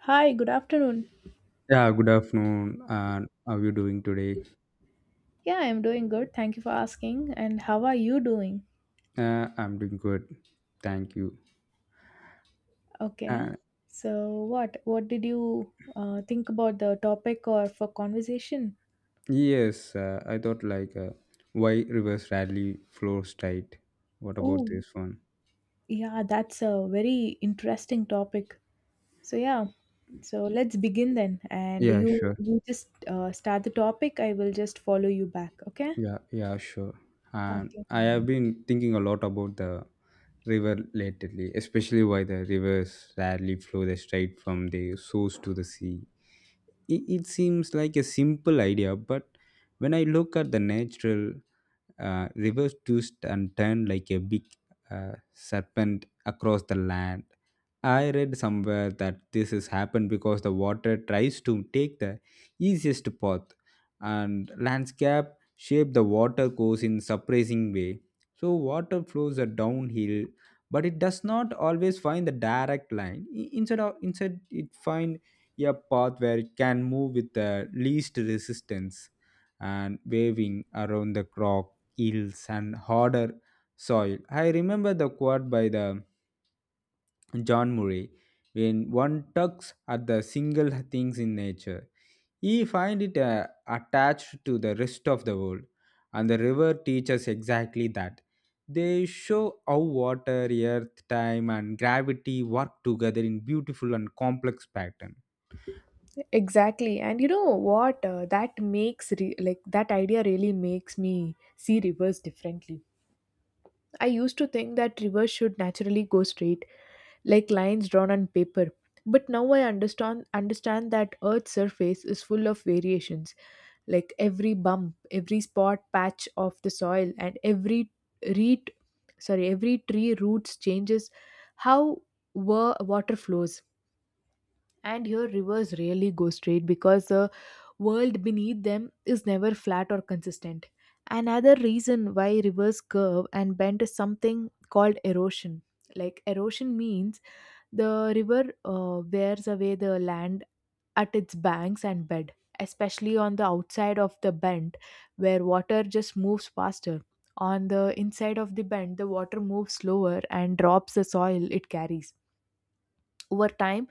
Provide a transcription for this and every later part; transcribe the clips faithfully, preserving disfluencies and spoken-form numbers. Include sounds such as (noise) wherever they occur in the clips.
Hi, good afternoon. Yeah, good afternoon. And how are you doing today? Yeah, I'm doing good. Thank you for asking. And how are you doing? Uh, I'm doing good. Thank you. Okay. Uh, So, what what did you uh, think about the topic or for conversation? yes, uh, I thought like uh, why rivers rarely flows tight. What about Oh, this one? yeah, that's a very interesting topic. So, yeah. So, let's begin then. And Yeah, you sure. you just uh, start the topic. I will just follow you back, okay? Yeah, yeah, sure. And I Okay. have been thinking a lot about the river lately, especially why the rivers rarely flow the straight from the source to the sea. it, it seems like a simple idea, but when I look at the natural uh, rivers twist and turn like a big uh, serpent across the land. I read somewhere that this has happened because the water tries to take the easiest path, and landscape shape the water course in surprising way. So water flows are downhill, but it does not always find the direct line. I- instead of instead it finds a path where it can move with the least resistance, and waving around the crop yields and harder soil. I remember the quote by the John Murray, when one tugs at the single things in nature, he finds it uh, attached to the rest of the world. And the river teaches exactly that. They show how water, earth, time, and gravity work together in beautiful and complex pattern. Exactly. And you know what? Uh, that makes, re- like, that idea really makes me see rivers differently. I used to think that rivers should naturally go straight, like lines drawn on paper. But now I understand understand that Earth's surface is full of variations, like every bump, every spot patch of the soil, and every reed sorry, every tree roots changes how wa- water flows, and here rivers rarely go straight because the world beneath them is never flat or consistent. Another reason why rivers curve and bend is something called erosion. Like, erosion means the river uh, wears away the land at its banks and bed, especially on the outside of the bend, where water just moves faster. On the inside of the bend, the water moves slower and drops the soil it carries. Over time,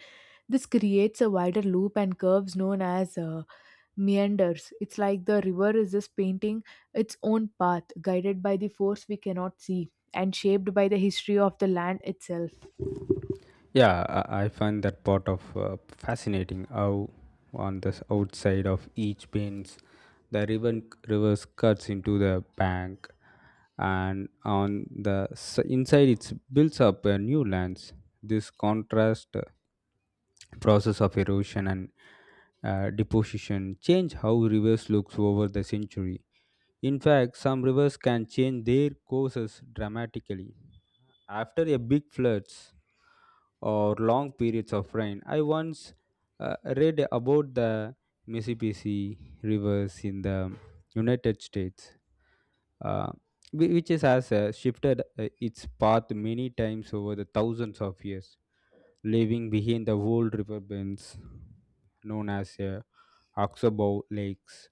this creates a wider loop and curves known as uh, meanders. It's like the river is just painting its own path, guided by the force we cannot see and shaped by the history of the land itself. Yeah, I I find that part of uh, fascinating. How on this outside of each pins, the ribbon reverse cuts into the bank, and on the s- inside it builds up a new lands. This contrast uh, process of erosion and uh, deposition change how rivers looks over the century. In fact, some rivers can change their courses dramatically. After a big floods or long periods of rain, I once uh, read about the Mississippi rivers in the United States, uh, whi- which is, has uh, shifted uh, its path many times over the thousands of years, leaving behind the old river known as a Oxbow lakes.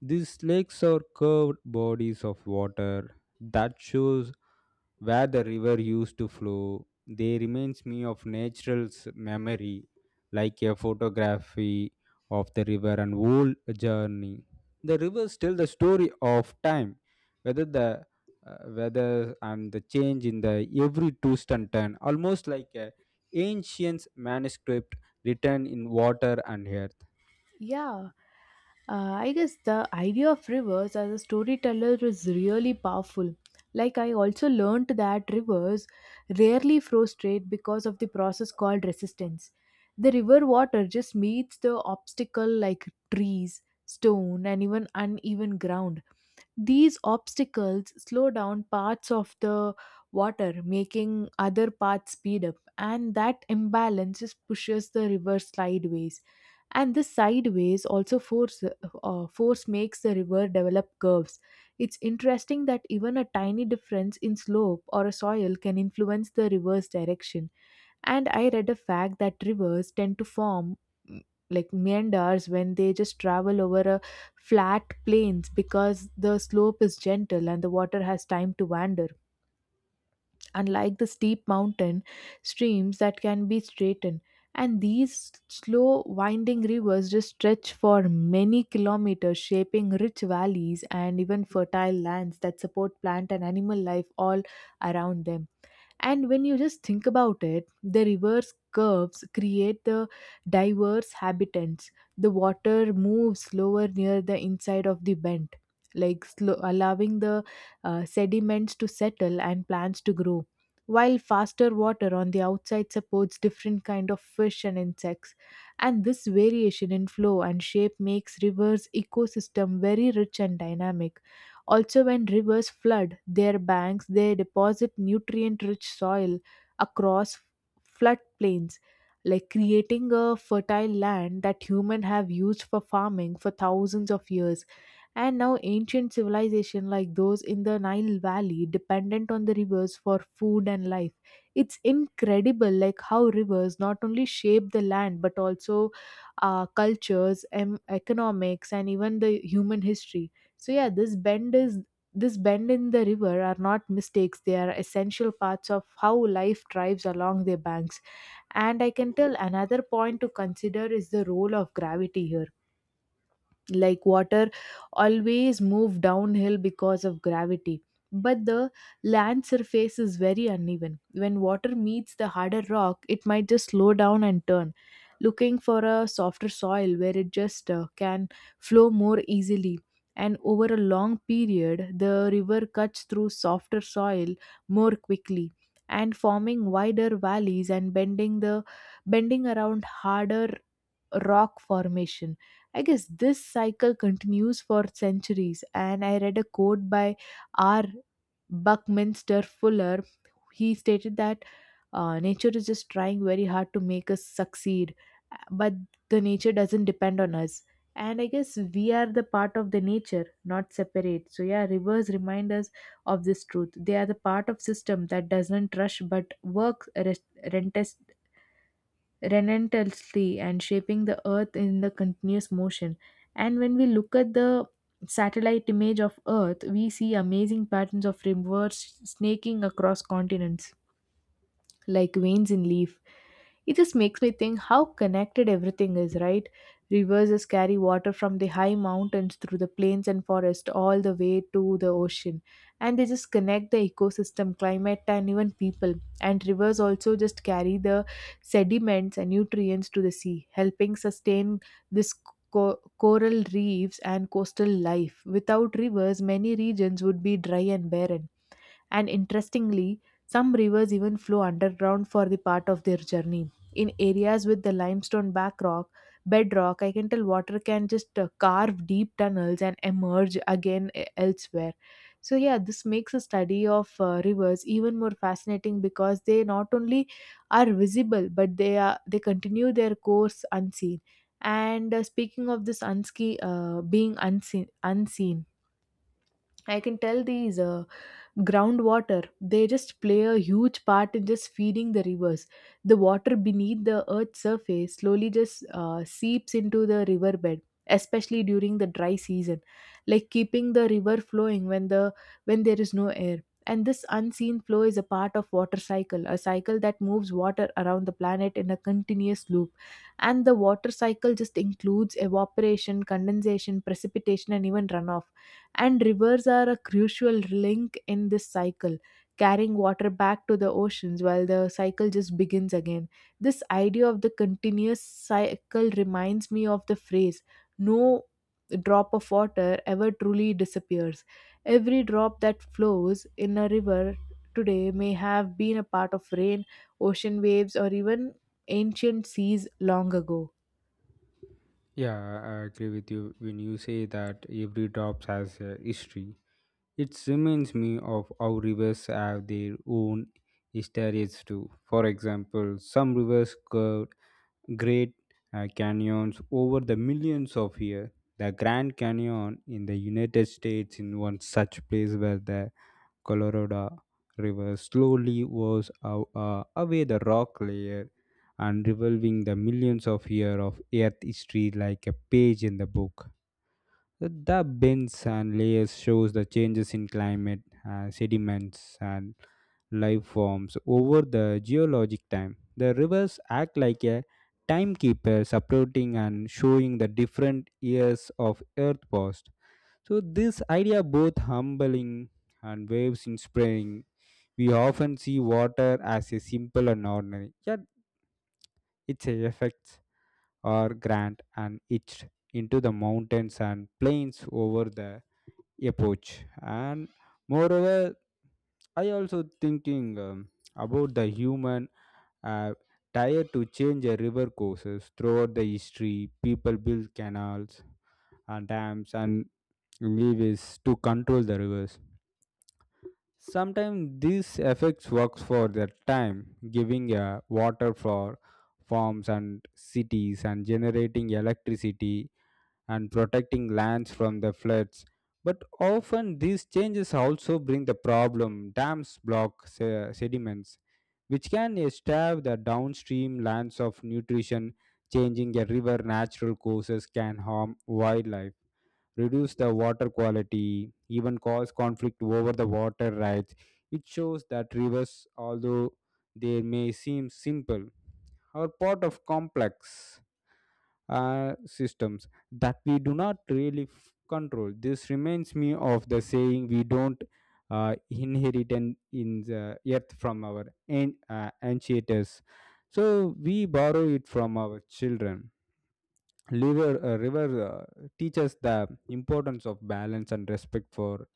These lakes are curved bodies of water that shows where the river used to flow. They reminds me of natural's memory, like a photography of the river and whole journey. The rivers tell the story of time, whether the uh, weather and the change in the every twist and turn, almost like a ancient manuscript written in water and air. Yeah, uh, I guess the idea of rivers as a storyteller is really powerful. Like, I also learned that rivers rarely flow straight because of the process called resistance. The river water just meets the obstacle like trees, stone, and even uneven ground. These obstacles slow down parts of the water, making other parts speed up, and that imbalance just pushes the river sideways, and this sideways also force uh, force makes the river develop curves. It's interesting that even a tiny difference in slope or a soil can influence the river's direction. And I read a fact that rivers tend to form mm, like meanders when they just travel over a flat plains, because the slope is gentle and the water has time to wander, unlike the steep mountain streams that can be straightened. And these slow winding rivers just stretch for many kilometers, shaping rich valleys and even fertile lands that support plant and animal life all around them. And when you just think about it, the reverse curves create the diverse habitats. The water moves slower near the inside of the bend, like slow, allowing the uh, sediments to settle and plants to grow. While faster water on the outside supports different kind of fish and insects, and this variation in flow and shape makes rivers ecosystem very rich and dynamic. Also, when rivers flood their banks, they deposit nutrient rich soil across floodplains, like creating a fertile land that humans have used for farming for thousands of years. And now ancient civilization like those in the Nile Valley dependent on the rivers for food and life. It's incredible like how rivers not only shape the land but also uh, cultures, em- economics, and even the human history. So yeah, this bend is this bend in the river are not mistakes, they are essential parts of how life thrives along their banks. And I can tell another point to consider is the role of gravity here. Like, water always move downhill because of gravity, but the land surface is very uneven. When water meets the harder rock, it might just slow down and turn, looking for a softer soil where it just uh, can flow more easily. And over a long period, the river cuts through softer soil more quickly, and forming wider valleys, and bending the bending around harder rock formation. I guess this cycle continues for centuries, and I read a quote by R. Buckminster Fuller. He stated that uh, nature is just trying very hard to make us succeed, but the nature doesn't depend on us. And I guess we are the part of the nature, not separate. So yeah, rivers remind us of this truth. They are the part of system that doesn't rush but works rest- relentlessly, and shaping the Earth in the continuous motion. And when we look at the satellite image of Earth, we see amazing patterns of rivers snaking across continents, like veins in leaf. It just makes me think how connected everything is, right? Rivers just carry water from the high mountains through the plains and forest all the way to the ocean. And they just connect the ecosystem, climate, and even people. And rivers also just carry the sediments and nutrients to the sea, helping sustain this co- coral reefs and coastal life. Without rivers, many regions would be dry and barren. And interestingly, some rivers even flow underground for the part of their journey. In areas with the limestone back rock, bedrock, I can tell water can just uh, carve deep tunnels and emerge again e- elsewhere. So, yeah, this makes a study of uh, rivers even more fascinating because they not only are visible but they are they continue their course unseen. And uh, speaking of this unski uh, being unseen, unseen, I can tell these uh, groundwater, they just play a huge part in just feeding the rivers. The water beneath the earth's surface slowly just uh, seeps into the riverbed, especially during the dry season, like keeping the river flowing when the when there is no air. And this unseen flow is a part of water cycle, a cycle that moves water around the planet in a continuous loop. And the water cycle just includes evaporation, condensation, precipitation, and even runoff, and rivers are a crucial link in this cycle, carrying water back to the oceans while the cycle just begins again. This idea of the continuous cycle reminds me of the phrase, no drop of water ever truly disappears. Every drop that flows in a river today may have been a part of rain, ocean waves, or even ancient seas long ago. Yeah, I agree with you when you say that every drop has a history. It reminds me of how rivers have their own histories too. For example, some rivers curved great uh, canyons over the millions of years. The Grand Canyon in the United States in one such place where the Colorado River slowly washes aw- uh, away the rock layer and revolving the millions of years of Earth history like a page in the book. The bends and layers shows the changes in climate, uh, sediments, and life forms over the geologic time. The rivers act like a timekeeper, supporting and showing the different years of Earth past. So this idea both humbling and waves inspiring. We often see water as a simple and ordinary, yet its effects are grand and etched into the mountains and plains over the epoch. And moreover, I also thinking um, about the human uh, desire to change the river courses throughout the history. People build canals and dams and levees to control the rivers. Sometimes these effects works for their time, giving a water for farms and cities and generating electricity and protecting lands from the floods. But often these changes also bring the problem dams block se- sediments, which can starve the downstream lands of nutrition. Changing a river natural courses can harm wildlife, reduce the water quality, even cause conflict over the water rights. It shows that rivers, although they may seem simple, are part of complex uh, systems that we do not really f- control. This reminds me of the saying, we don't uh, inherit an- in the earth from our an- uh, ancestors, so we borrow it from our children. river uh, river uh, teaches the importance of balance and respect for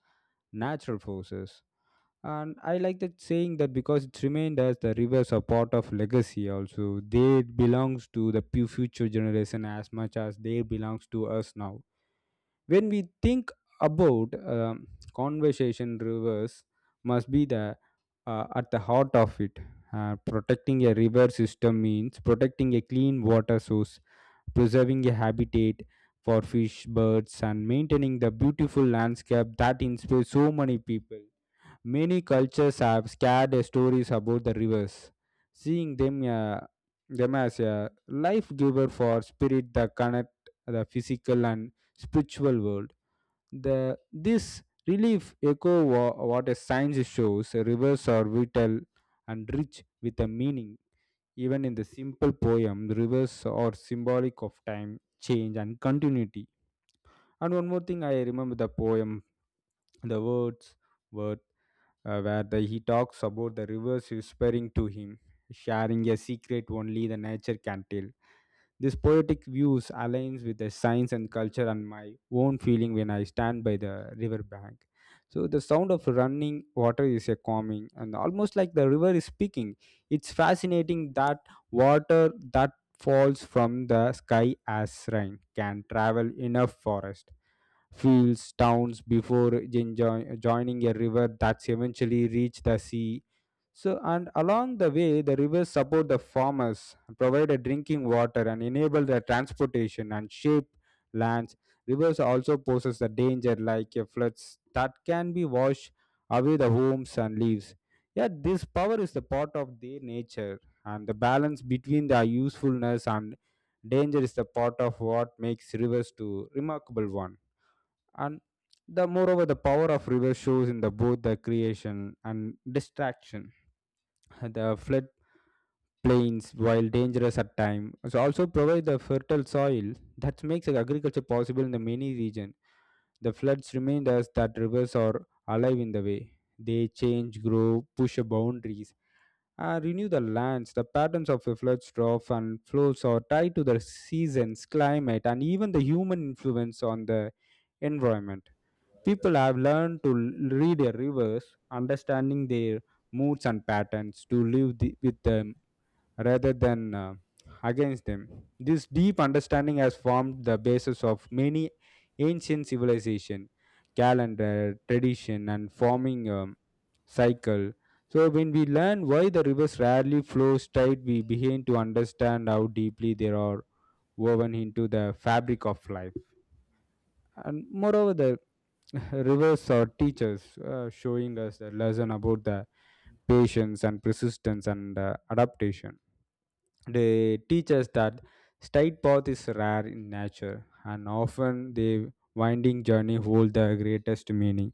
natural forces. And I like that saying that because it's remained as the rivers are part of legacy, also they belongs to the pu- future generation as much as they belongs to us now. When we think about um, conversation, rivers must be the uh, at the heart of it. Uh, protecting a river system means protecting a clean water source, preserving a habitat for fish, birds, and maintaining the beautiful landscape that inspires so many people. Many cultures have scared stories about the rivers, seeing them, uh, them as a life giver for spirit that connect the physical and spiritual world. The this relief echo wha- what a science shows rivers are vital and rich with a meaning, even in the simple poem, the rivers are symbolic of time, change, and continuity. And one more thing, I remember the poem, the words, word, uh, where the, he talks about the rivers whispering to him, sharing a secret only the nature can tell. This poetic views aligns with the science and culture and my own feeling when I stand by the river bank. So the sound of running water is a calming and almost like the river is speaking. It's fascinating that water that falls from the sky as rain can travel enough forest fields, towns before jin- joi- joining a river that's eventually reached the sea. So, and along the way, the rivers support the farmers, provide a drinking water, and enable the transportation and shape lands. Rivers also poses the danger like a floods that can be washed away the homes and leaves. Yet, this power is the part of their nature, and the balance between the usefulness and danger is the part of what makes rivers to remarkable one. And the moreover the power of river shows in the both the creation and distraction. (laughs) The flood plains, while dangerous at times, also provide the fertile soil that makes agriculture possible in the many regions. The floods remind us that rivers are alive in the way they change, grow, push boundaries and renew the lands. The patterns of the floods trough and flows are tied to the seasons, climate, and even the human influence on the environment. People have learned to l- read their rivers, understanding their moods and patterns to live the, with them rather than uh, against them. This deep understanding has formed the basis of many ancient civilization, calendar, tradition, and forming um, cycle. So when we learn why the rivers rarely flow straight, we begin to understand how deeply they are woven into the fabric of life. And moreover, the (laughs) rivers are teachers, uh, showing us a lesson about the patience and persistence and uh, adaptation. They teach us that straight path is rare in nature, and often the winding journey hold the greatest meaning.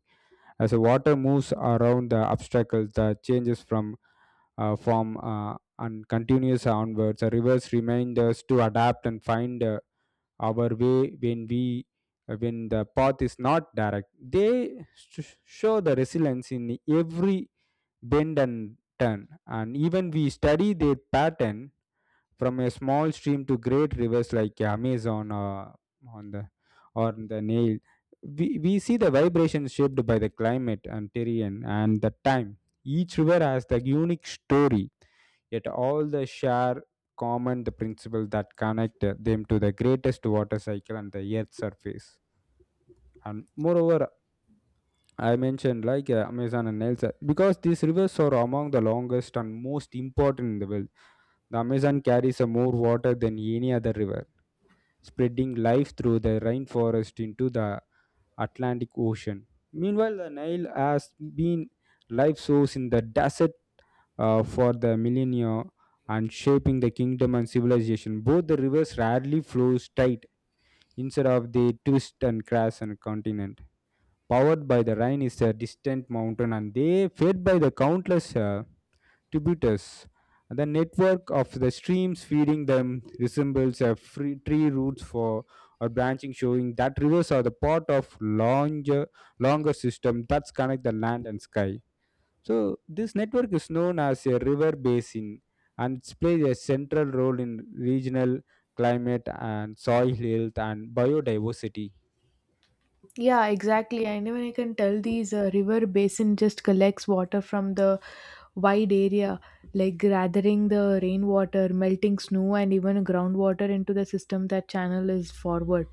As the water moves around the obstacles, the changes from uh, form uh, and continues onwards, the rivers remind us to adapt and find uh, our way when we when the path is not direct. They sh- show the resilience in every bend and turn. And even we study their pattern from a small stream to great rivers like amazon or on the or the Nile. we, we see the vibrations shaped by the climate and terrain and the time. Each river has the unique story, yet all the share common the principle that connect uh, them to the greatest water cycle and the earth's surface. And moreover, I mentioned like uh, amazon and Nile, because these rivers are among the longest and most important in the world. The amazon carries uh, more water than any other river, spreading life through the rainforest into the atlantic ocean. Meanwhile the nile has been life source in the desert uh, for the millennia, and shaping the kingdom and civilization. Both the rivers rarely flows straight, instead of the twist and crash and continent. Powered by the Rhine is a distant mountain, and they fed by the countless uh, tributaries. The network of the streams feeding them resembles a free tree roots for or branching, showing that rivers are the part of longer longer system that connect the land and sky. So this network is known as a river basin, and it plays a central role in regional climate and soil health and biodiversity. Yeah, exactly. And even I can tell these uh, river basin just collects water from the wide area, like gathering the rainwater, melting snow, and even groundwater into the system that channel is forward.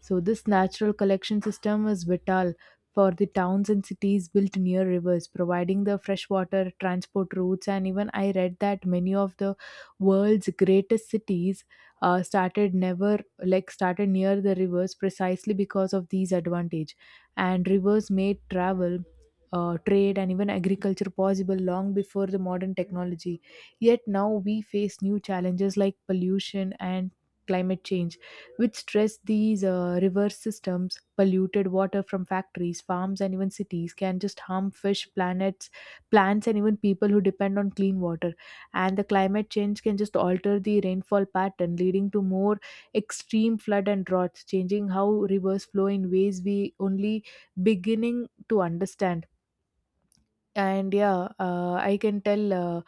So, this natural collection system is vital for the towns and cities built near rivers, providing the freshwater transport routes. And even I read that many of the world's greatest cities uh, started never like started near the rivers precisely because of these advantage. And rivers made travel. Uh, trade and even agriculture possible long before the modern technology. Yet now we face new challenges like pollution and climate change, which stress these uh, reverse systems. Polluted water from factories, farms, and even cities can just harm fish, planets, plants, and even people who depend on clean water. And the climate change can just alter the rainfall pattern, leading to more extreme flood and droughts, changing how rivers flow in ways we only beginning to understand. And yeah, uh, I can tell uh,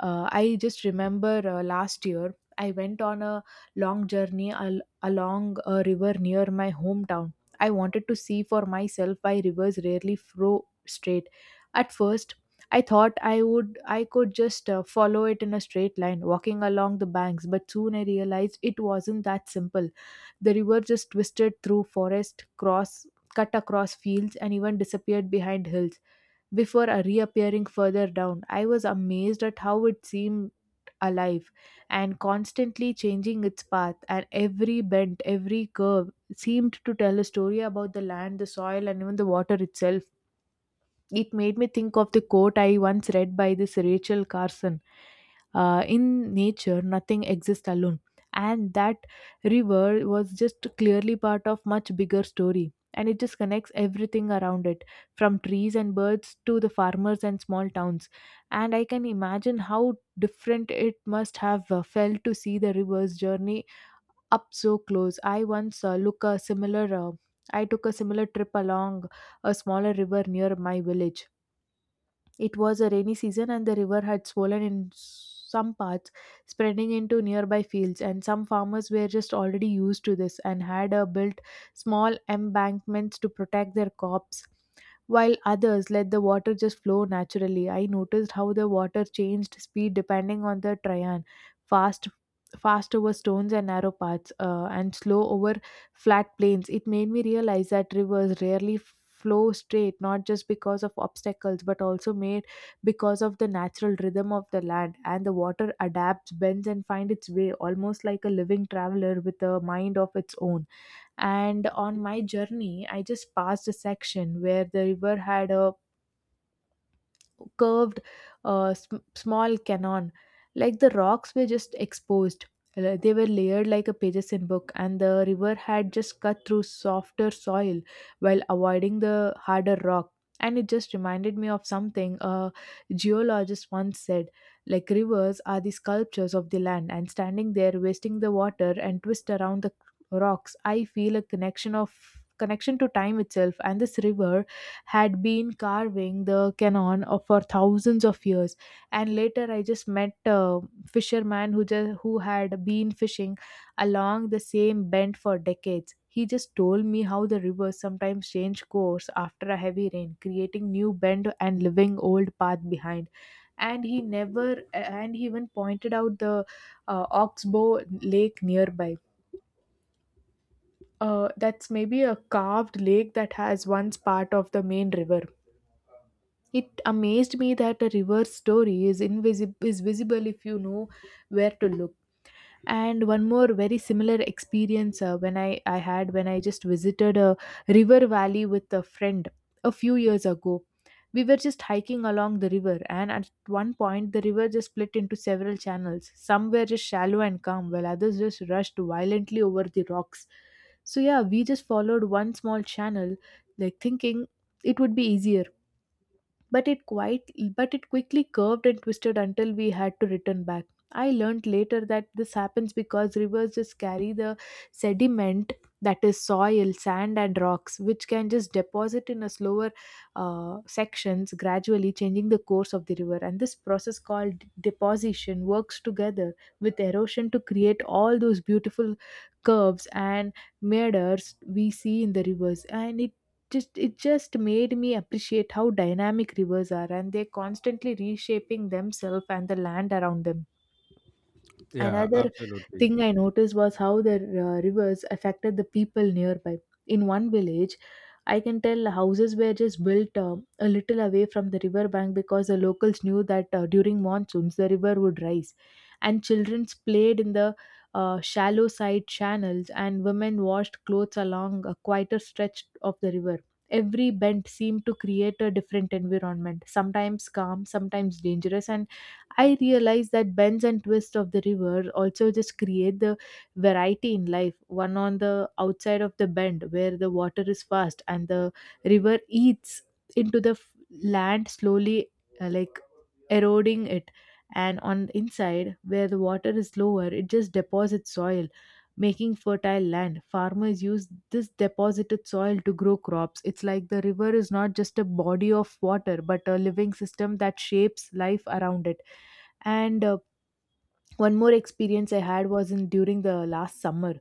uh, I just remember uh, last year I went on a long journey al- along a river near my hometown. I wanted to see for myself why rivers rarely flow straight. At first, I thought i would I could just uh, follow it in a straight line, walking along the banks, but soon I realized it wasn't that simple. The river just twisted through forest, cross cut across fields, and even disappeared behind hills before uh, reappearing further down. I was amazed at how it seemed alive and constantly changing its path, and every bend, every curve seemed to tell a story about the land, the soil, and even the water itself. It made me think of the quote I once read by this Rachel Carson, uh, in nature, nothing exists alone. And that river was just clearly part of much bigger story. And it just connects everything around it, from trees and birds to the farmers and small towns. And I can imagine how different it must have uh, felt to see the river's journey up so close. I once uh, look a similar. Uh, I took a similar trip along a smaller river near my village. It was a rainy season and the river had swollen in some parts, spreading into nearby fields, and some farmers were just already used to this and had uh, built small embankments to protect their crops, while others let the water just flow naturally. I noticed how the water changed speed depending on the terrain, fast fast over stones and narrow paths, uh, and slow over flat plains. It made me realize that rivers rarely flow straight, not just because of obstacles, but also made because of the natural rhythm of the land. And the water adapts, bends, and finds its way, almost like a living traveler with a mind of its own. And on my journey, I just passed a section where the river had a curved, uh, sm- small canon, like the rocks were just exposed. Uh, they were layered like a pages in book, and the river had just cut through softer soil while avoiding the harder rock. And it just reminded me of something a geologist once said, like rivers are the sculptures of the land. And standing there wasting the water and twist around the rocks, I feel a connection of connection to time itself, and this river had been carving the canon of- for thousands of years. And later I just met a fisherman who just, who had been fishing along the same bend for decades. He just told me how the rivers sometimes change course after a heavy rain, creating new bend and leaving old path behind. And he never And he even pointed out the uh, oxbow lake nearby, uh, that's maybe a carved lake that has once part of the main river. It amazed me that a reverse story is invisible is visible if you know where to look. And one more very similar experience, uh, when I, I had when I just visited a river valley with a friend a few years ago. We were just hiking along the river, and at one point, the river just split into several channels. Some were just shallow and calm, while others just rushed violently over the rocks. So, yeah, we just followed one small channel, like thinking it would be easier, but it quite but it quickly curved and twisted until we had to return back. I learned later that this happens because rivers just carry the sediment, that is soil, sand, and rocks, which can just deposit in a slower, uh, sections, gradually changing the course of the river. And this process called deposition works together with erosion to create all those beautiful curves and meanders we see in the rivers. And it just it just made me appreciate how dynamic rivers are, and they're constantly reshaping themselves and the land around them. Yeah, Another absolutely. thing I noticed was how the uh, rivers affected the people nearby. In one village, I can tell houses were just built uh, a little away from the river bank, because the locals knew that, uh, during monsoons the river would rise, and children played in the uh, shallow side channels, and women washed clothes along a quieter stretch of the river. Every bend seemed to create a different environment, sometimes calm, sometimes dangerous, and I realized that bends and twists of the river also just create the variety in life. One on the outside of the bend where the water is fast and the river eats into the f- land slowly, uh, like eroding it, and on the inside where the water is lower, it just deposits soil, making fertile land. Farmers use this deposited soil to grow crops. It's like the river is not just a body of water, but a living system that shapes life around it. And uh, one more experience I had was in during the last summer.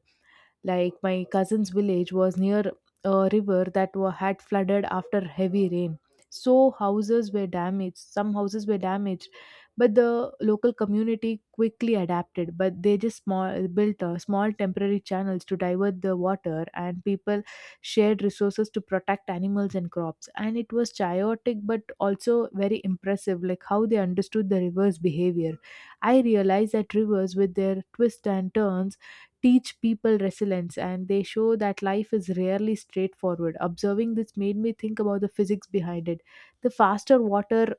Like my cousin's village was near a river that wa- had flooded after heavy rain. So houses were damaged. Some houses were damaged, but the local community quickly adapted. But they just small built uh, small temporary channels to divert the water, and people shared resources to protect animals and crops. And it was chaotic, but also very impressive, like how they understood the river's behavior. I realized that rivers, with their twists and turns, teach people resilience, and they show that life is rarely straightforward. Observing this made me think about the physics behind it. The faster water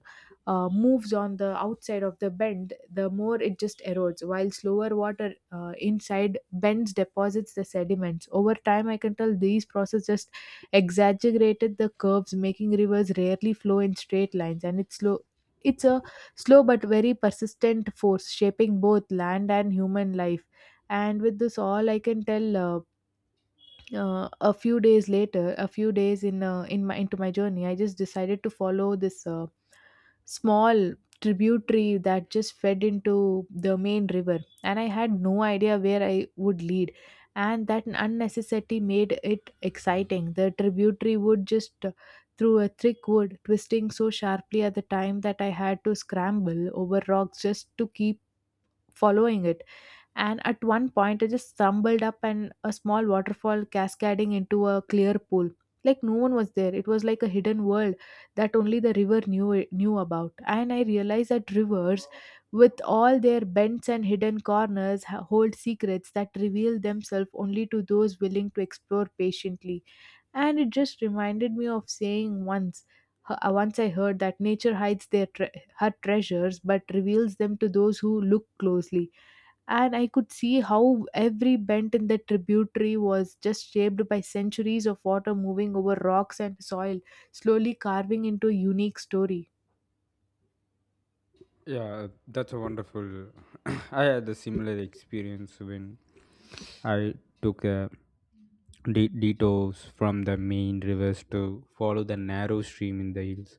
uh, moves on the outside of the bend, the more it just erodes, while slower water, uh, inside bends, deposits the sediments. Over time, I can tell these processes just exaggerated the curves, making rivers rarely flow in straight lines, and it's slow. It's a slow but very persistent force shaping both land and human life. And with this all, I can tell, uh, uh, a few days later a few days in, uh, in my into my journey, I just decided to follow this, uh, small tributary that just fed into the main river, and I had no idea where I would lead. And that unnecessity made it exciting. The tributary would just, uh, through a thick wood, twisting so sharply at the time that I had to scramble over rocks just to keep following it. And at one point, I just stumbled up and a small waterfall cascading into a clear pool. Like no one was there. It was like a hidden world that only the river knew knew about. And I realized that rivers, with all their bends and hidden corners, ha- hold secrets that reveal themselves only to those willing to explore patiently. And it just reminded me of saying once, h- uh, once I heard that nature hides their tre- her treasures, but reveals them to those who look closely. And I could see how every bend in the tributary was just shaped by centuries of water moving over rocks and soil, slowly carving into a unique story. Yeah, that's a wonderful. (clears throat) I had a similar experience when I took a de- detours from the main rivers to follow the narrow stream in the hills.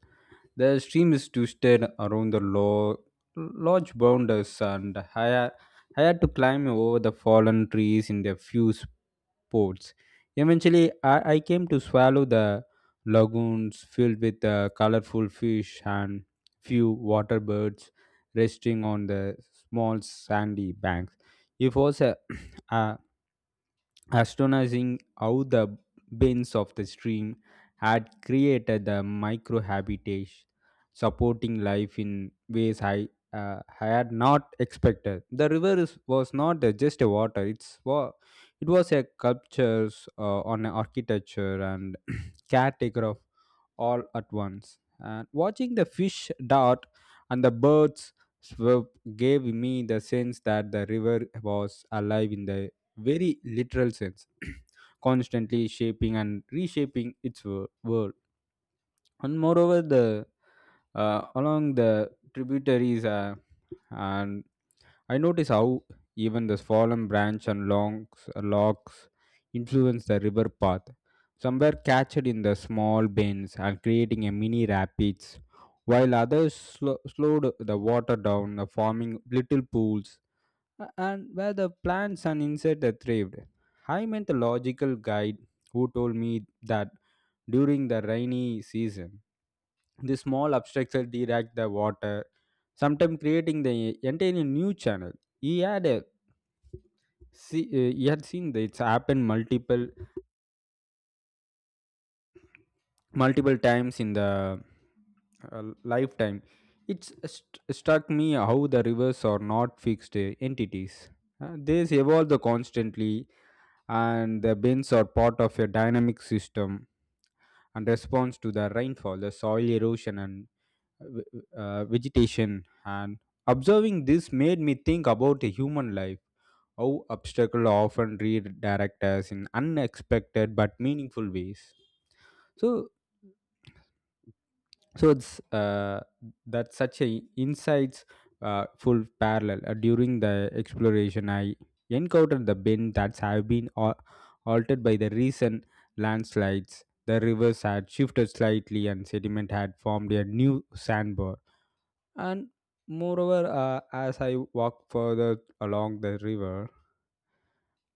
The stream is twisted around the low, large boulders, and I, ha- I had to climb over the fallen trees in a few spots. Eventually, I, I came to swallow the lagoons filled with uh, colorful fish and few water birds resting on the small sandy banks. It was a, (clears throat) a astonishing how the bends of the stream had created the microhabitat supporting life in ways I uh, had not expected. The river is, was not uh, just a water; it's wa- it was a culture, uh, on a architecture and cat take off all at once. And watching the fish dart and the birds swoop gave me the sense that the river was alive in the very literal sense, (clears throat) constantly shaping and reshaping its wo- world. And moreover the uh, along the tributaries uh, and I notice how even the fallen branch and logs logs influence the river path. Some were catched in the small bends and creating a mini rapids, while others slo- slowed the water down the forming little pools, a- and where the plants and insects are thrived. I met a logical guide who told me that during the rainy season the small obstructions direct the water, sometimes creating the entire new channel. He had a see, uh, he had seen that it's happened multiple multiple times in the uh, lifetime. It's st- struck me how the rivers are not fixed uh, entities. Uh, they evolve constantly, and the bends are part of a dynamic system and response to the rainfall, the soil erosion, and v- uh, vegetation. And observing this made me think about a human life, how obstacles often redirect us in unexpected but meaningful ways. So so it's uh, that such a insights uh, full parallel. Uh, during the exploration I encountered the bend that have been al- altered by the recent landslides. The rivers had shifted slightly and sediment had formed a new sandbar. And moreover, uh, as I walk further along the river,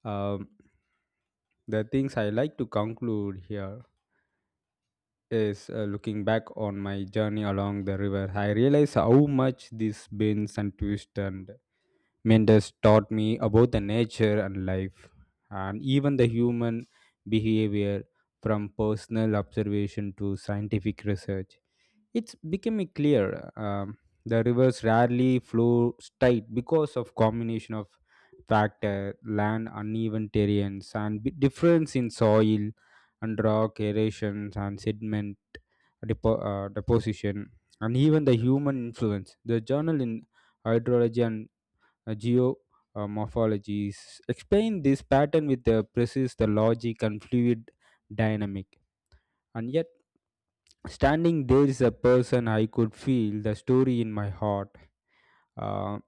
um, the things I like to conclude here is uh, looking back on my journey along the river, I realize how much these bends and twists and meanders taught me about the nature and life, and even the human behavior, from personal observation to scientific research. It's becoming clear, um, the rivers rarely flow straight because of combination of factor, land uneven terrains, and b- difference in soil and rock erosions and sediment depo- uh, deposition, and even the human influence. The journal in hydrology and uh, geo uh, explain this pattern with the precise the logic and fluid dynamic. And yet, standing there is a person, I could feel the story in my heart. Uh,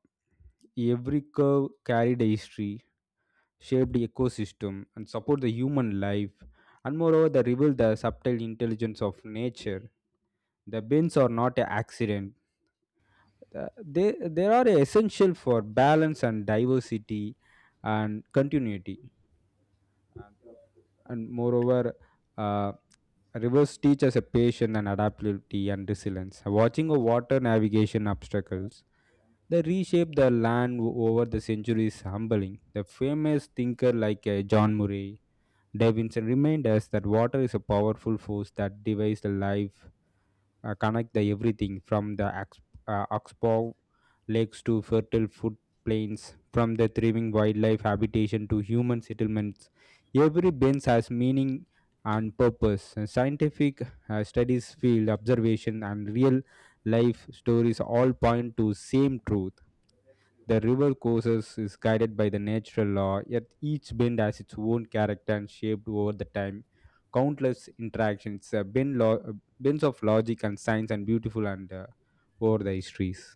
every curve carried a history, shaped the ecosystem, and support the human life, and moreover, they reveal the subtle intelligence of nature. The bends are not an accident. Uh, they, they are essential for balance and diversity and continuity. And moreover, uh, rivers teach us a patience and adaptability and resilience. Watching a water navigation obstacles, they reshape the land o- over the centuries, humbling. The famous thinker like uh, John Murray Davidson remind us that water is a powerful force that divides the life uh, connect the everything from the Ax- uh, Oxbow lakes to fertile footplains, from the thriving wildlife habitation to human settlements. Every bend has meaning and purpose. Uh, Scientific uh, studies, field observation, and real life stories all point to same truth. The river courses is guided by the natural law, yet each bend has its own character and shaped over the time. Countless interactions, uh, bend lo- uh, bends of logic and science, and beautiful and uh, over the histories.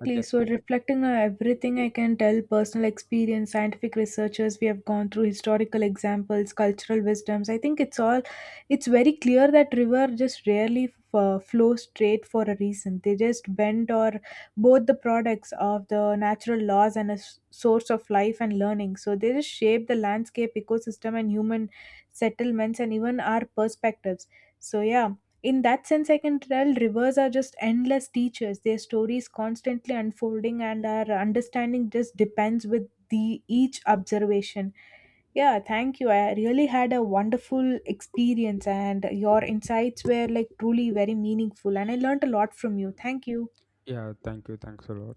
I thi- So, reflecting on everything, I can tell, personal experience, scientific researchers we have gone through, historical examples, cultural wisdoms, I think it's all, it's very clear that river just rarely, uh, flow straight for a reason. They just bend or both the products of the natural laws and a s- source of life and learning. So, they just shape the landscape, ecosystem, and human settlements, and even our perspectives. So, yeah, in that sense, I can tell rivers are just endless teachers, their stories constantly unfolding, and our understanding just depends with the each observation. Yeah, thank you. I really had a wonderful experience, and your insights were like truly very meaningful, and I learned a lot from you. Thank you. yeah, thank you. Thanks a lot.